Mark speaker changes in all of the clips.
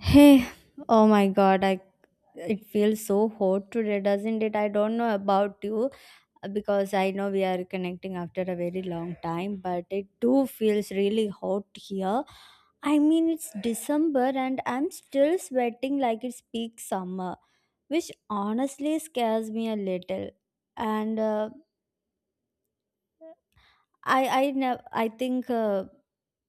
Speaker 1: Hey, oh my god, I it feels so hot today, doesn't it? I don't know about you, because I know we are connecting after a very long time, but it too feels really hot here. I mean, it's December and I'm still sweating like it's peak summer, which honestly scares me a little. And I never I think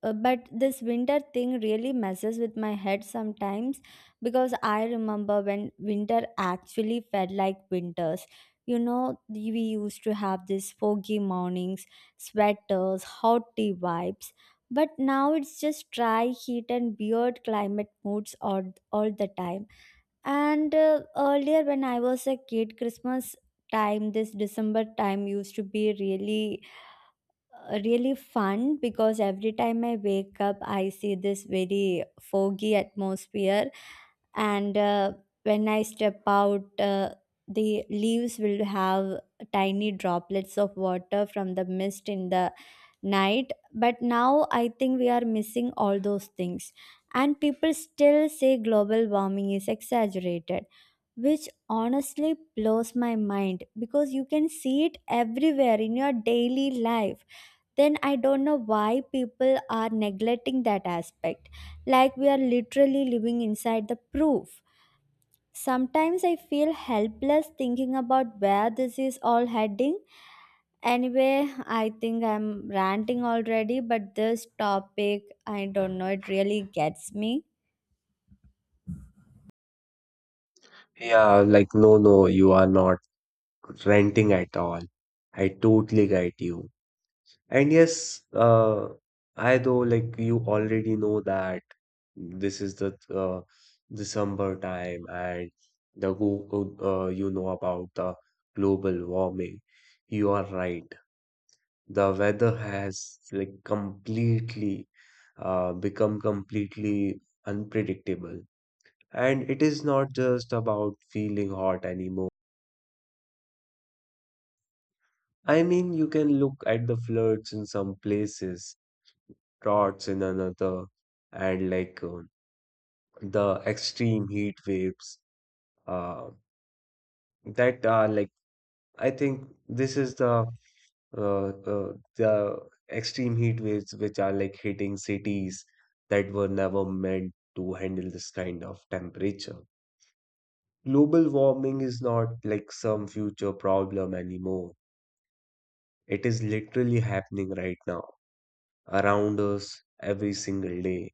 Speaker 1: But this winter thing really messes with my head sometimes because I remember when winter actually felt like winters. You know, we used to have these foggy mornings, sweaters, hot tea vibes, but now it's just dry heat and weird climate moods all the time. And Earlier, when I was a kid, Christmas time, this December time used to be really fun because every time I wake up, I see this very foggy atmosphere, and when I step out, the leaves will have tiny droplets of water from the mist in the night. But now I think we are missing all those things. And people still say global warming is exaggerated, which honestly blows my mind because you can see it everywhere in your daily life. Then I don't know why people are neglecting that aspect. Like, we are literally living inside the proof. Sometimes I feel helpless thinking about where this is all heading. Anyway, I think I'm ranting already, but this topic, I don't know, it really gets me.
Speaker 2: Yeah, like, no, no, you are not renting at all. I totally get you. And yes, I though, like, you already know that this is the December time and the go you know about the global warming. You are right. The weather has, like, completely become completely unpredictable. And it is not just about feeling hot anymore. I mean, you can look at the floods in some places, droughts in another, and like the extreme heat waves. Uh, that are like, I think this is uh, the extreme heat waves which are like hitting cities that were never meant to handle this kind of temperature. Global warming is not like some future problem anymore. It is literally happening right now, around us every single day.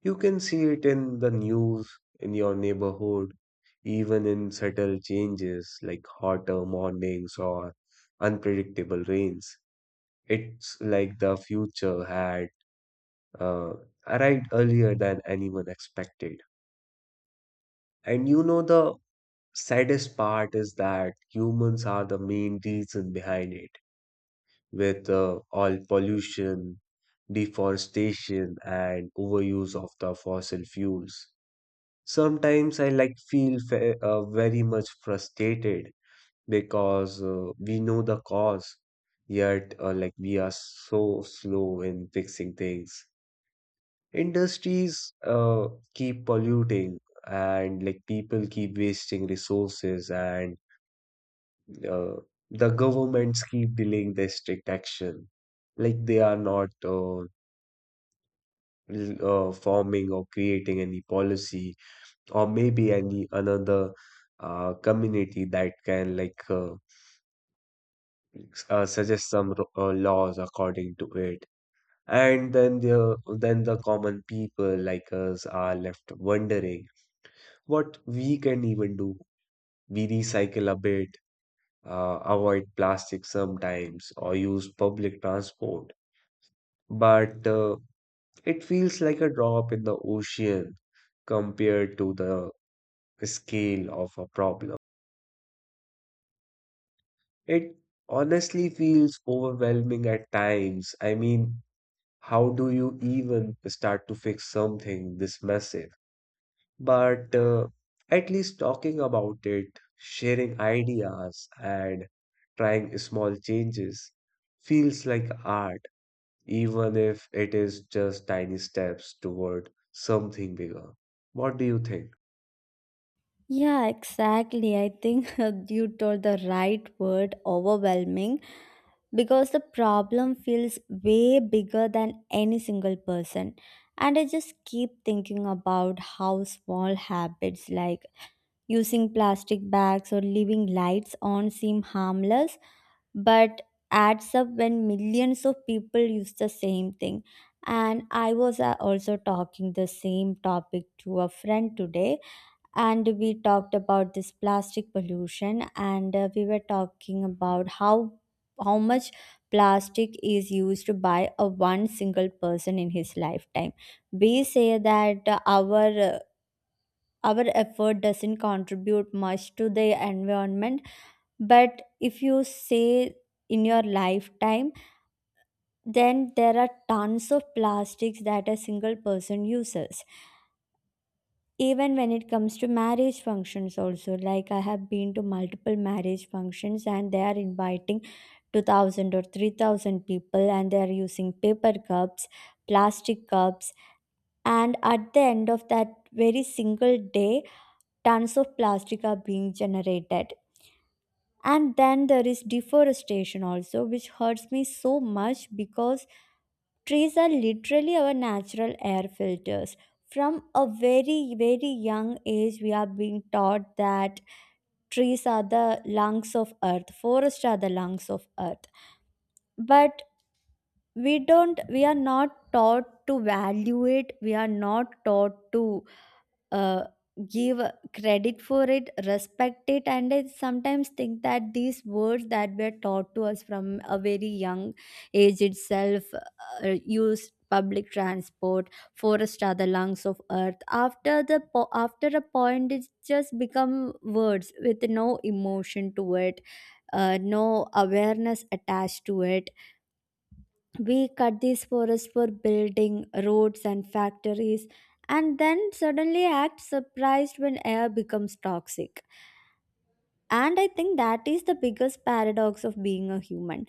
Speaker 2: You can see it in the news, in your neighborhood, even in subtle changes like hotter mornings or unpredictable rains. It's like the future had uh, arrived earlier than anyone expected. And the saddest part is that humans are the main reason behind it, with all pollution, deforestation, and overuse of the fossil fuels. Sometimes I like feel very much frustrated because we know the cause, yet like we are so slow in fixing things. Industries keep polluting, and like people keep wasting resources, and uh, the governments keep delaying their strict action. Like they are not forming or creating any policy or maybe any another community that can like suggest some laws according to it. And then the common people like us are left wondering what we can even do. We recycle a bit, avoid plastic sometimes, or use public transport, but it feels like a drop in the ocean compared to the scale of a problem. It honestly feels overwhelming at times. I mean, how do you even start to fix something this massive? But at least talking about it, sharing ideas, and trying small changes feels like art, even if it is just tiny steps toward something bigger. What do you think?
Speaker 1: Yeah, exactly. I think you told the right word, overwhelming, because the problem feels way bigger than any single person. And I just keep thinking about how small habits like using plastic bags or leaving lights on seem harmless, but adds up when millions of people use the same thing. And I was also talking the same topic to a friend today, and we talked about this plastic pollution, and we were talking about how much plastic is used by a one single person in his lifetime. We say that our effort doesn't contribute much to the environment, but if you say in your lifetime, then there are tons of plastics that a single person uses. Even when it comes to marriage functions also, like, I have been to multiple marriage functions and they are inviting 2000 or 3000 people, and they are using paper cups, plastic cups, and at the end of that very single day, tons of plastic are being generated. And then there is deforestation also, which hurts me so much because trees are literally our natural air filters. From a very, very young age, we are being taught that trees are the lungs of earth, forests are the lungs of earth. But we are not taught to value it, we are not taught to uh, give credit for it, respect it. And I sometimes think that these words that were taught to us from a very young age itself, use public transport, forests are the lungs of earth, after after a point it's just become words with no emotion to it, no awareness attached to it. We cut these forests for building roads and factories, and then suddenly act surprised when air becomes toxic. And I think that is the biggest paradox of being a human.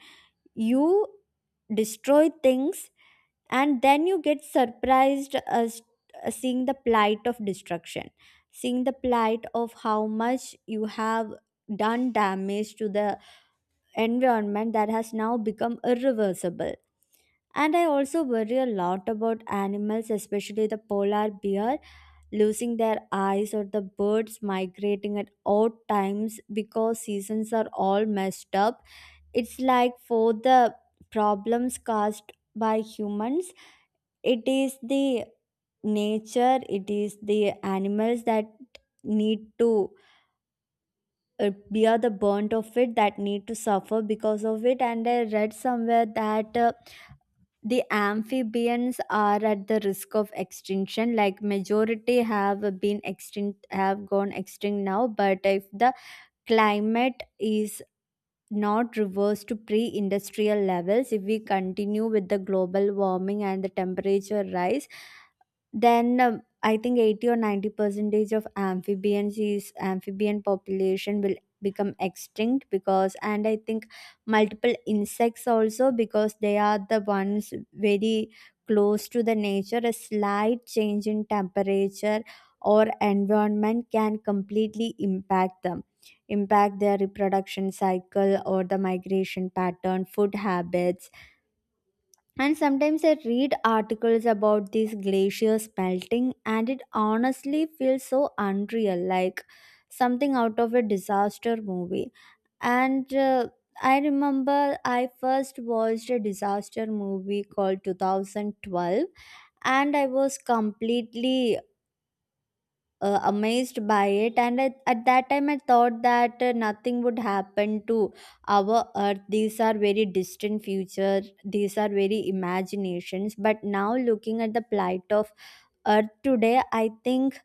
Speaker 1: You destroy things, and then you get surprised as, seeing the plight of destruction, seeing the plight of how much you have done damage to the environment that has now become irreversible. And I also worry a lot about animals, especially the polar bear losing their eyes, or the birds migrating at odd times because seasons are all messed up. It's like for the problems caused by humans, it is the nature, it is the animals that need to bear the burnt of it, that need to suffer because of it. And I read somewhere that the amphibians are at the risk of extinction. Like, majority have been extinct, have gone extinct now, but if the climate is not reverse to pre industrial levels, if we continue with the global warming and the temperature rise, then I think 80 or 90 percentage of amphibian population will become extinct. Because and I think multiple insects also, because they are the ones very close to the nature. A slight change in temperature or environment can completely impact them, impact their reproduction cycle or the migration pattern, food habits. And sometimes I read articles about these glaciers melting, and it honestly feels so unreal, like something out of a disaster movie. And I remember I first watched a disaster movie called 2012 and I was completely amazed by it. And at that time I thought that nothing would happen to our earth, these are very distant future, these are very imaginations. But now looking at the plight of earth today, I think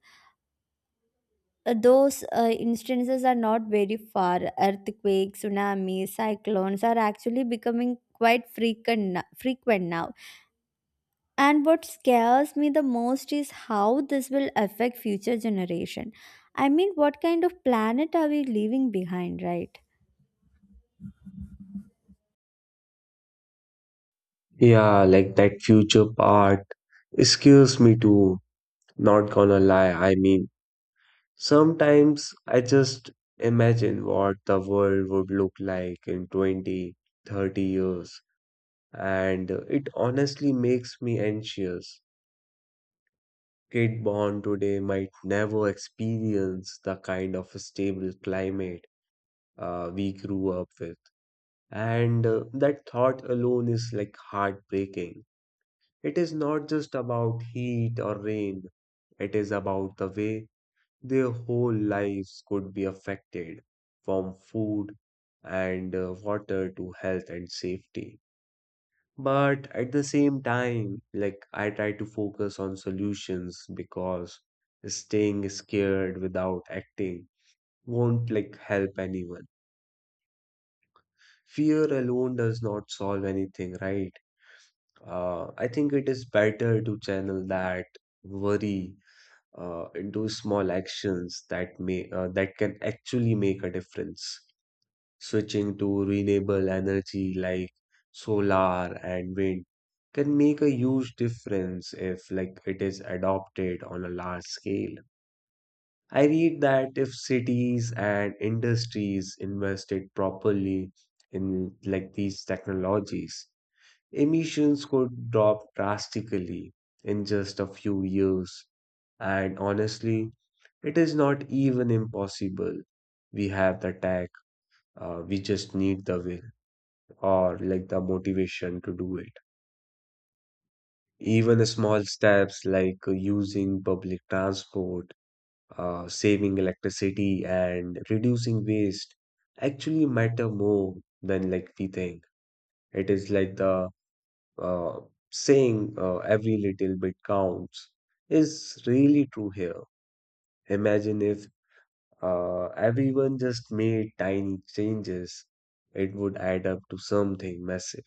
Speaker 1: those instances are not very far. Earthquakes, tsunamis, cyclones are actually becoming quite frequent now. And what scares me the most is how this will affect future generation. I mean, what kind of planet are we leaving behind, right?
Speaker 2: Yeah, like that future part scares me too. Not gonna lie, I mean, sometimes I just imagine what the world would look like in 20, 30 years, and it honestly makes me anxious. Kid born today might never experience the kind of stable climate we grew up with. And that thought alone is like heartbreaking. It is not just about heat or rain, it is about the way their whole lives could be affected, from food and water to health and safety. But at the same time, like I try to focus on solutions because staying scared without acting won't like help anyone. Fear alone does not solve anything, right? I think it is better to channel that worry into small actions that can actually make a difference. Switching to renewable energy like solar and wind can make a huge difference if like it is adopted on a large scale. I read that if cities and industries invested properly in like these technologies, emissions could drop drastically in just a few years. And honestly, it is not even impossible. We have the tech, we just need the will or like the motivation to do it. Even small steps like using public transport, saving electricity, and reducing waste actually matter more than like we think. It is like the uh, saying every little bit counts is really true here. Imagine if everyone just made tiny changes, it would add up to something massive.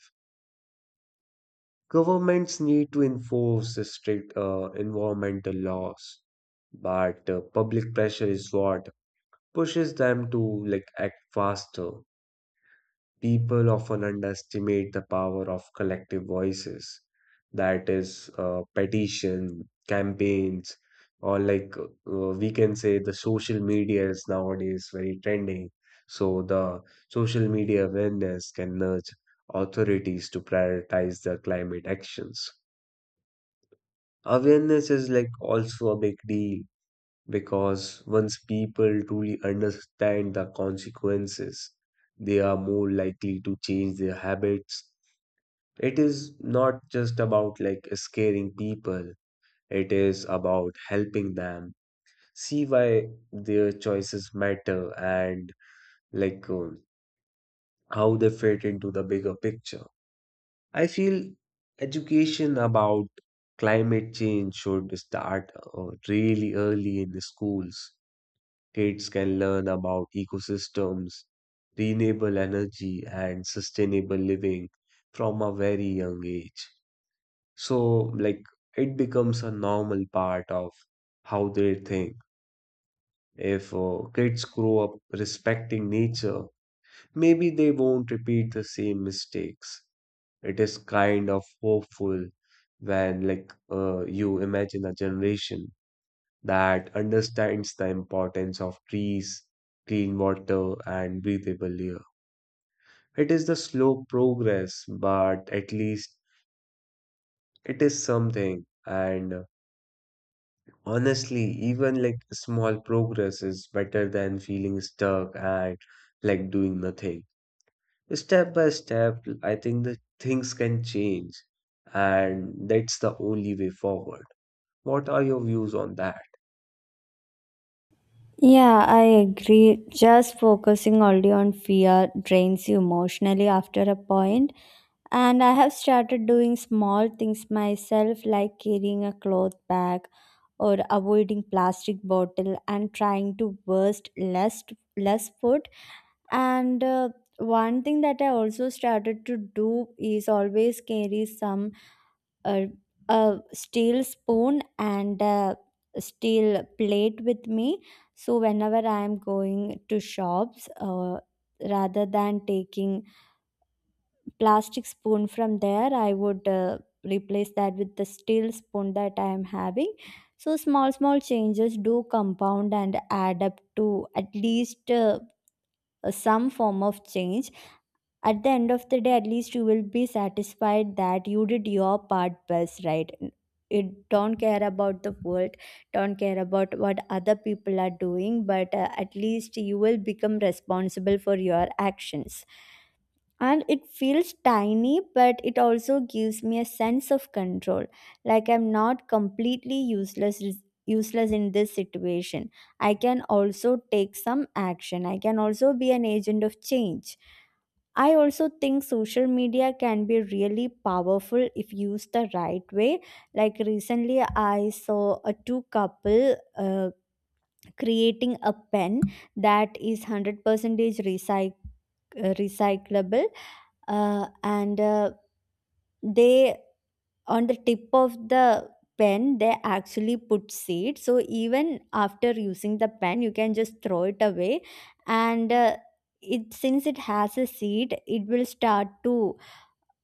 Speaker 2: Governments need to enforce strict environmental laws, but public pressure is what pushes them to like act faster. People often underestimate the power of collective voices, that is, petition, campaigns, or like we can say the social media is nowadays very trending. So the social media awareness can nudge authorities to prioritize their climate actions. Awareness is like also a big deal because once people truly understand the consequences, they are more likely to change their habits. It is not just about like scaring people, it is about helping them see why their choices matter and like how they fit into the bigger picture. I feel education about climate change should start really early in the schools. Kids can learn about ecosystems, renewable energy, and sustainable living from a very young age. So, like, it becomes a normal part of how they think. If kids grow up respecting nature, maybe they won't repeat the same mistakes. It is kind of hopeful when, like, you imagine a generation that understands the importance of trees, clean water, and breathable air. It is the slow progress, but at least it is something. And honestly, even like small progress is better than feeling stuck and like doing nothing. Step by step, I think that things can change, and that's the only way forward. What are your views on that?
Speaker 1: Yeah, I agree. Just focusing only on fear drains you emotionally after a point. And I have started doing small things myself, like carrying a cloth bag or avoiding plastic bottle and trying to waste less less food. And One thing that I also started to do is always carry some uh, a steel spoon and a steel plate with me. So whenever I am going to shops, rather than taking plastic spoon from there, I would replace that with the steel spoon that I am having. So small changes do compound and add up to at least some form of change. At the end of the day, at least you will be satisfied that you did your part best, right? It don't care about the world, don't care about what other people are doing, but at least you will become responsible for your actions. And it feels tiny, but it also gives me a sense of control. Like, I'm not completely useless in this situation. I can also take some action, I can also be an agent of change. I also think social media can be really powerful if used the right way. Like recently, I saw a two couple creating a pen that is 100% recycled recyclable. And They on the tip of the pen they actually put seed, so even after using the pen you can just throw it away, and it, since it has a seed, it will start to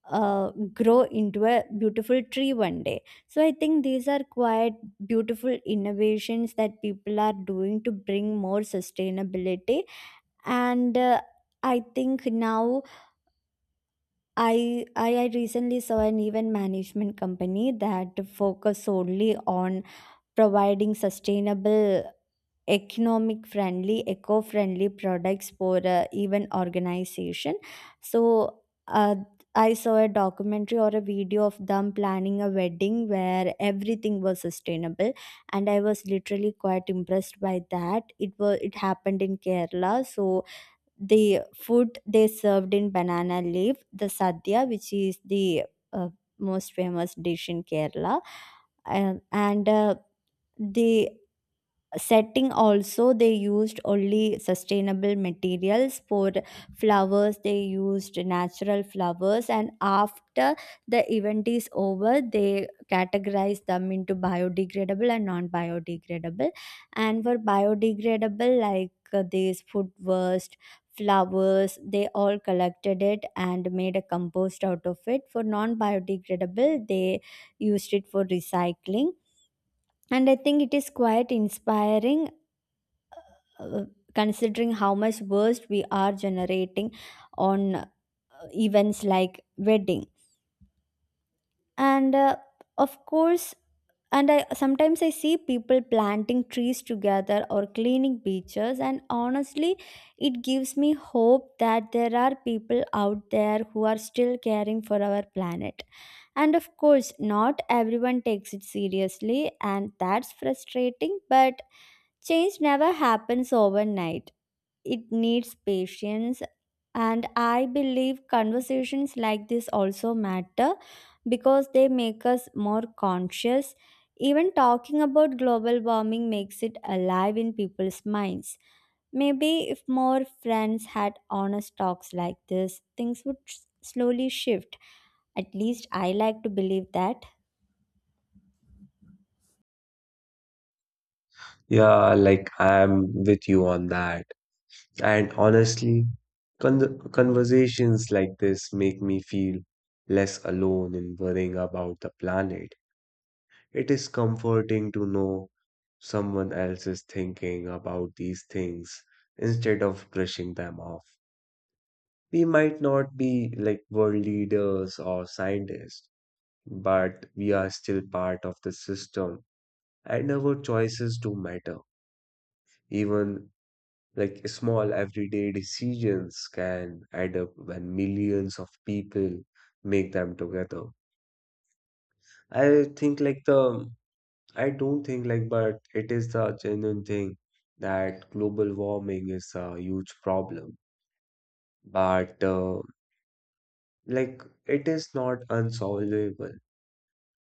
Speaker 1: grow into a beautiful tree one day. So I think these are quite beautiful innovations that people are doing to bring more sustainability. And uh, i think now I, I I recently saw an event management company that focus solely on providing sustainable, economic friendly, eco friendly products for even organization. So I saw a documentary or a video of them planning a wedding where everything was sustainable, and I was literally quite impressed by that. It was, it happened in Kerala, so the food they served in banana leaf, the sadhya, which is the uh, most famous dish in Kerala, and the setting also they used only sustainable materials for flowers. They used natural flowers, and after the event is over they categorize them into biodegradable and non biodegradable. And for biodegradable, like, these food waste, flowers, they all collected it and made a compost out of it. For non biodegradable they used it for recycling. And I think it is quite inspiring, uh, considering how much waste we are generating on events like wedding. And Of course. And I sometimes I see people planting trees together or cleaning beaches, and honestly it gives me hope that there are people out there who are still caring for our planet. And of course not everyone takes it seriously and that's frustrating, but change never happens overnight, it needs patience. And I believe conversations like this also matter because they make us more conscious. Even talking about global warming makes it alive in people's minds. Maybe if more friends had honest talks like this, things would slowly shift. At least I like to believe that.
Speaker 2: Yeah, like I'm with you on that. And honestly, conversations like this make me feel less alone in worrying about the planet. It is comforting to know someone else is thinking about these things instead of brushing them off. We might not be like world leaders or scientists, but we are still part of the system and our choices do matter. Even like small everyday decisions can add up when millions of people make them together. I think like the I don't think, like, but it is the genuine thing that global warming is a huge problem. But like it is not unsolvable.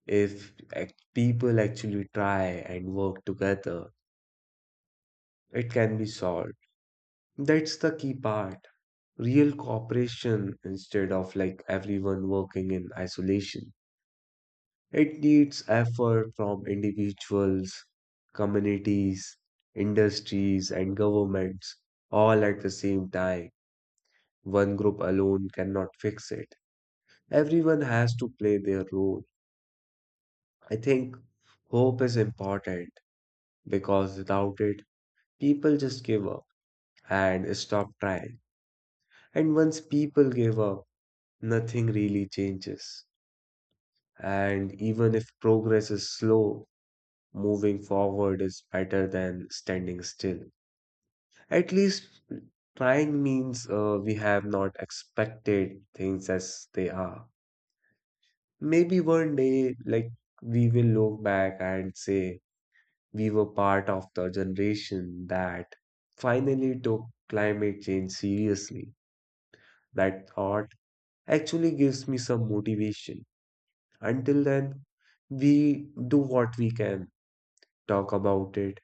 Speaker 2: If people actually try and work together, it can be solved. That's the key part. Real cooperation instead of like everyone working in isolation. It needs effort from individuals, communities, industries, and governments all at the same time. One group alone cannot fix it. Everyone has to play their role. I think hope is important because without it, people just give up and stop trying. And once people give up, nothing really changes. And even if progress is slow, moving forward is better than standing still. At least trying means we have not expected things as they are. Maybe one day, like, we will look back and say we were part of the generation that finally took climate change seriously. That thought actually gives me some motivation. Until then, we do what we can, talk about it,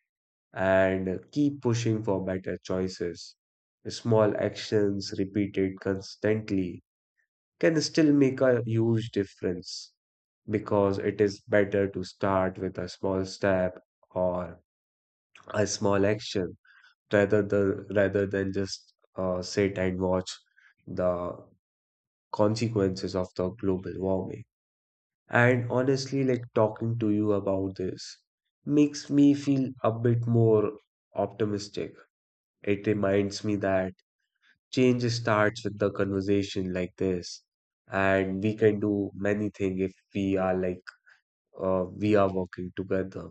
Speaker 2: and keep pushing for better choices. Small actions repeated constantly can still make a huge difference because it is better to start with a small step or a small action, rather than just sit and watch the consequences of the global warming. And honestly, like talking to you about this makes me feel a bit more optimistic. It reminds me that change starts with the conversation like this, and we can do many things if we are working together,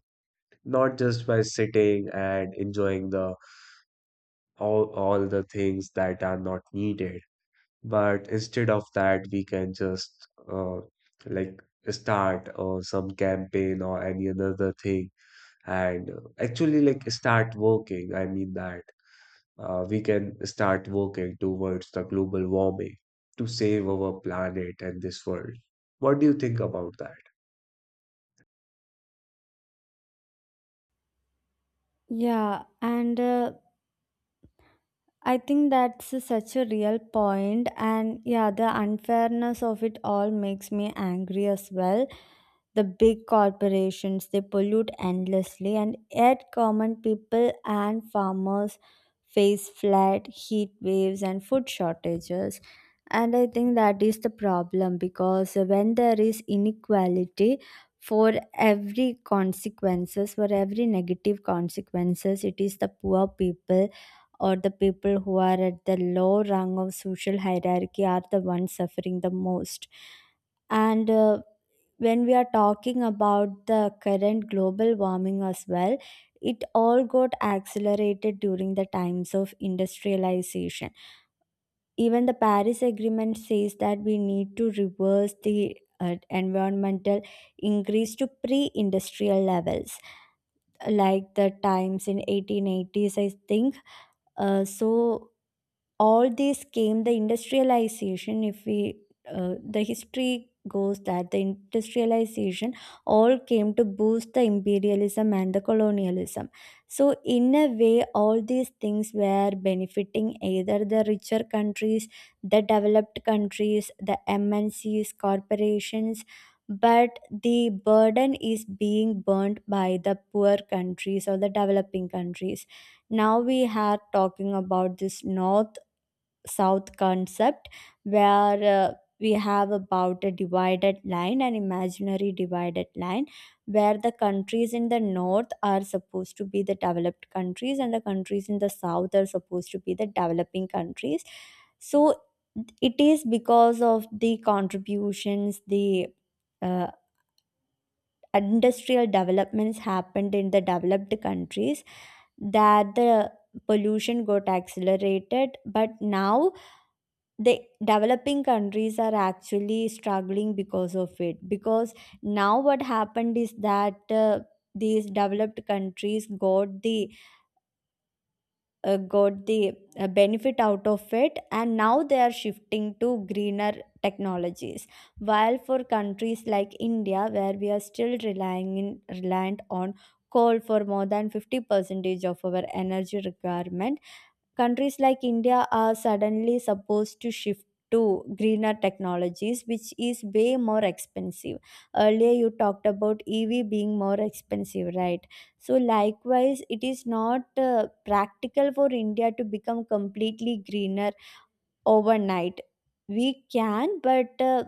Speaker 2: not just by sitting and enjoying the all the things that are not needed. But instead of that, we can just uh, like start some campaign or any another thing and actually like start working. I mean that we can start working towards the global warming to save our planet and this world. What do you think about that?
Speaker 1: Yeah, and I think that's such a real point, and yeah, the unfairness of it all makes me angry as well. The big corporations they pollute endlessly, and yet common people and farmers face flood, heat waves and food shortages. And I think that is the problem, because when there is inequality, for every consequences, for every negative consequences, it is the poor people or the people who are at the low rung of social hierarchy are the ones suffering the most. And when we are talking about the current global warming as Well, it all got accelerated during the times of industrialization. Even the Paris agreement says that we need to reverse the environmental increase to pre-industrial levels, like the times in 1880s I think. uh, so all these came the industrialization, if we the history goes that the industrialization all came to boost the imperialism and the colonialism. So in a way all these things were benefiting either the richer countries, the developed countries, the MNCs corporations, but the burden is being burnt by the poor countries or the developing countries. Now we are talking about this north south concept, where uh, we have about a divided line, an imaginary divided line, where the countries in the north are supposed to be the developed countries and the countries in the south are supposed to be the developing countries. So it is because of the contributions, the uh, industrial developments happened in the developed countries, that the pollution got accelerated. But now the developing countries are actually struggling because of it, because now what happened is that these developed countries got the uh, got the benefit out of it and now they are shifting to greener technologies, while for countries like India where we are still reliant on coal for more than 50 percentage of our energy requirement. Countries like India are suddenly supposed to shift to greener technologies, which is way more expensive. Earlier, you talked about EV being more expensive, right? So, likewise, it is not practical for India to become completely greener overnight. We can, but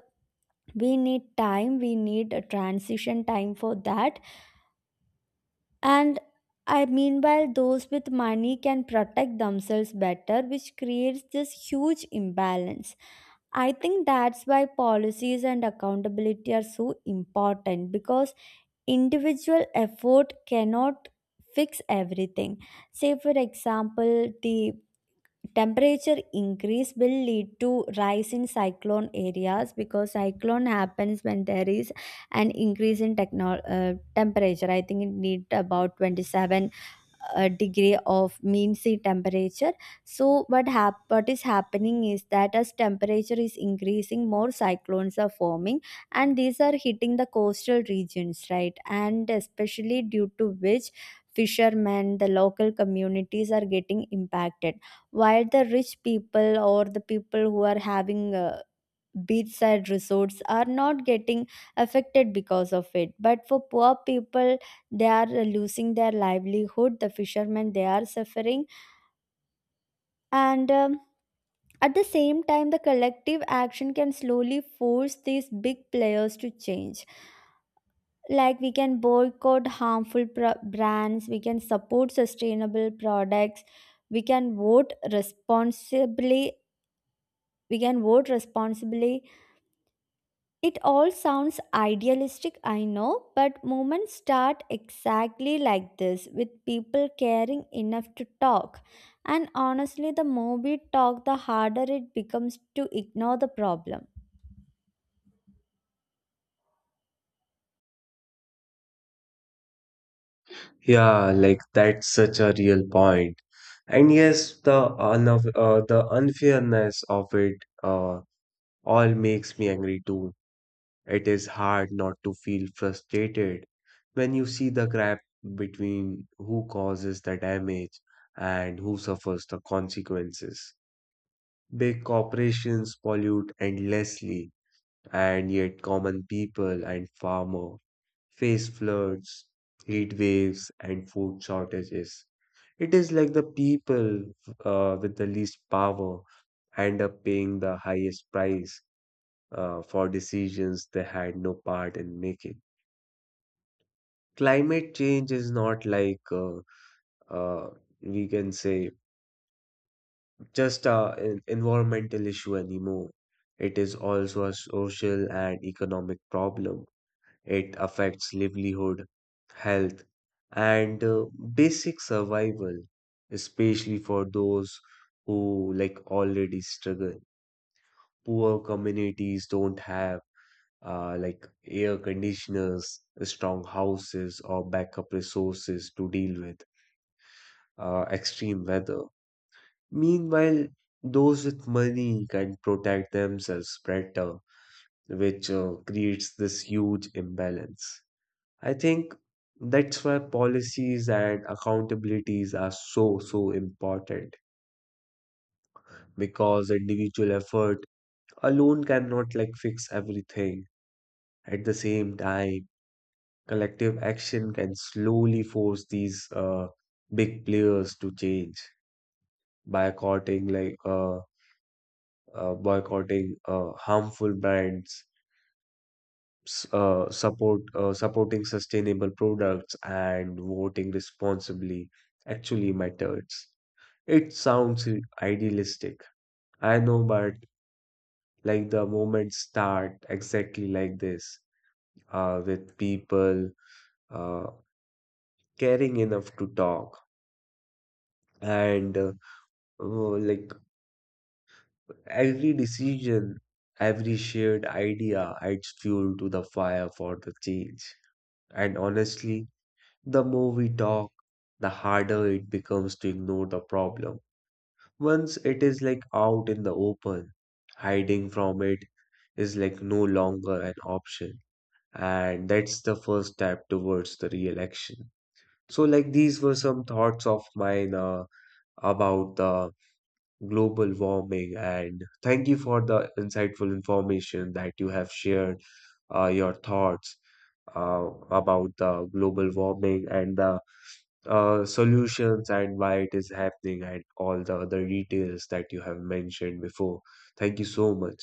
Speaker 1: we need time, we need a transition time for that. And I meanwhile, those with money can protect themselves better, which creates this huge imbalance. I think that's why policies and accountability are so important, because individual effort cannot fix everything. Say for example, the temperature increase will lead to rise in cyclone areas, because cyclone happens when there is an increase in temperature. I think it need about 27 degree of mean sea temperature. So what is happening is that as temperature is increasing, more cyclones are forming and these are hitting the coastal regions, right? And especially due to which fishermen, the local communities are getting impacted, while the rich people or the people who are having beachside resorts are not getting affected because of it. But for poor people, they are losing their livelihood, the fishermen, they are suffering. And at the same time, the collective action can slowly force these big players to change. Like, we can boycott brands, we can support sustainable products, we can vote responsibly. we can vote responsibly. It all sounds idealistic, I know, but movements start exactly like this, with people caring enough to talk. And honestly, the more we talk, the harder it becomes to ignore the problem.
Speaker 2: Yeah, like that's such a real point. And yes, the the unfairness of it uh, all makes me angry too. It is hard not to feel frustrated when you see the gap between who causes the damage and who suffers the consequences. Big corporations pollute endlessly, and yet common people and farmers face floods, heat waves, and food shortages. It is like the people with the least power end up paying the highest price for decisions they had no part in making. Climate change is not like uh, we can say just a environmental issue anymore. It is also a social and economic problem. It affects livelihood, health, and basic survival, especially for those who like already struggle. Poor communities don't have like air conditioners, strong houses, or backup resources to deal with extreme weather. Meanwhile, those with money can protect themselves better, which creates this huge imbalance. I think that's why policies and accountabilities are so, so important, because individual effort alone cannot like fix everything. At the same time, collective action can slowly force these big players to change. By courting like boycotting harmful brands, supporting sustainable products, and voting responsibly actually matters. It sounds idealistic, I know, but like the movements start exactly like this, with people uh, caring enough to talk, and oh, like every decision, every shared idea adds fuel to the fire for the change. And honestly, the more we talk, the harder it becomes to ignore the problem. Once it is like out in the open, hiding from it is like no longer an option. And that's the first step towards the real action. So, like, these were some thoughts of mine about the global warming. And thank you for the insightful information that you have shared, your thoughts about the global warming and the solutions and why it is happening and all the other details that you have mentioned before. Thank you so much.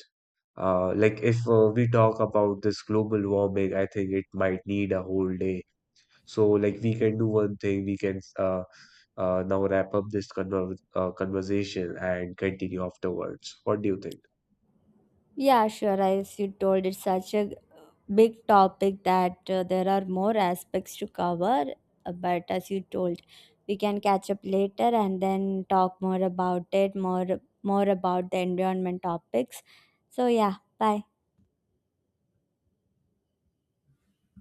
Speaker 2: Like if we talk about this global warming, I think it might need a whole day. So like we can do one thing, we can now wrap up this conversation and continue afterwards. What do you think?
Speaker 1: Yeah, sure, as you told, it's such a big topic that there are more aspects to cover, but as you told, we can catch up later and then talk more about it, more about the environment topics. So yeah, bye.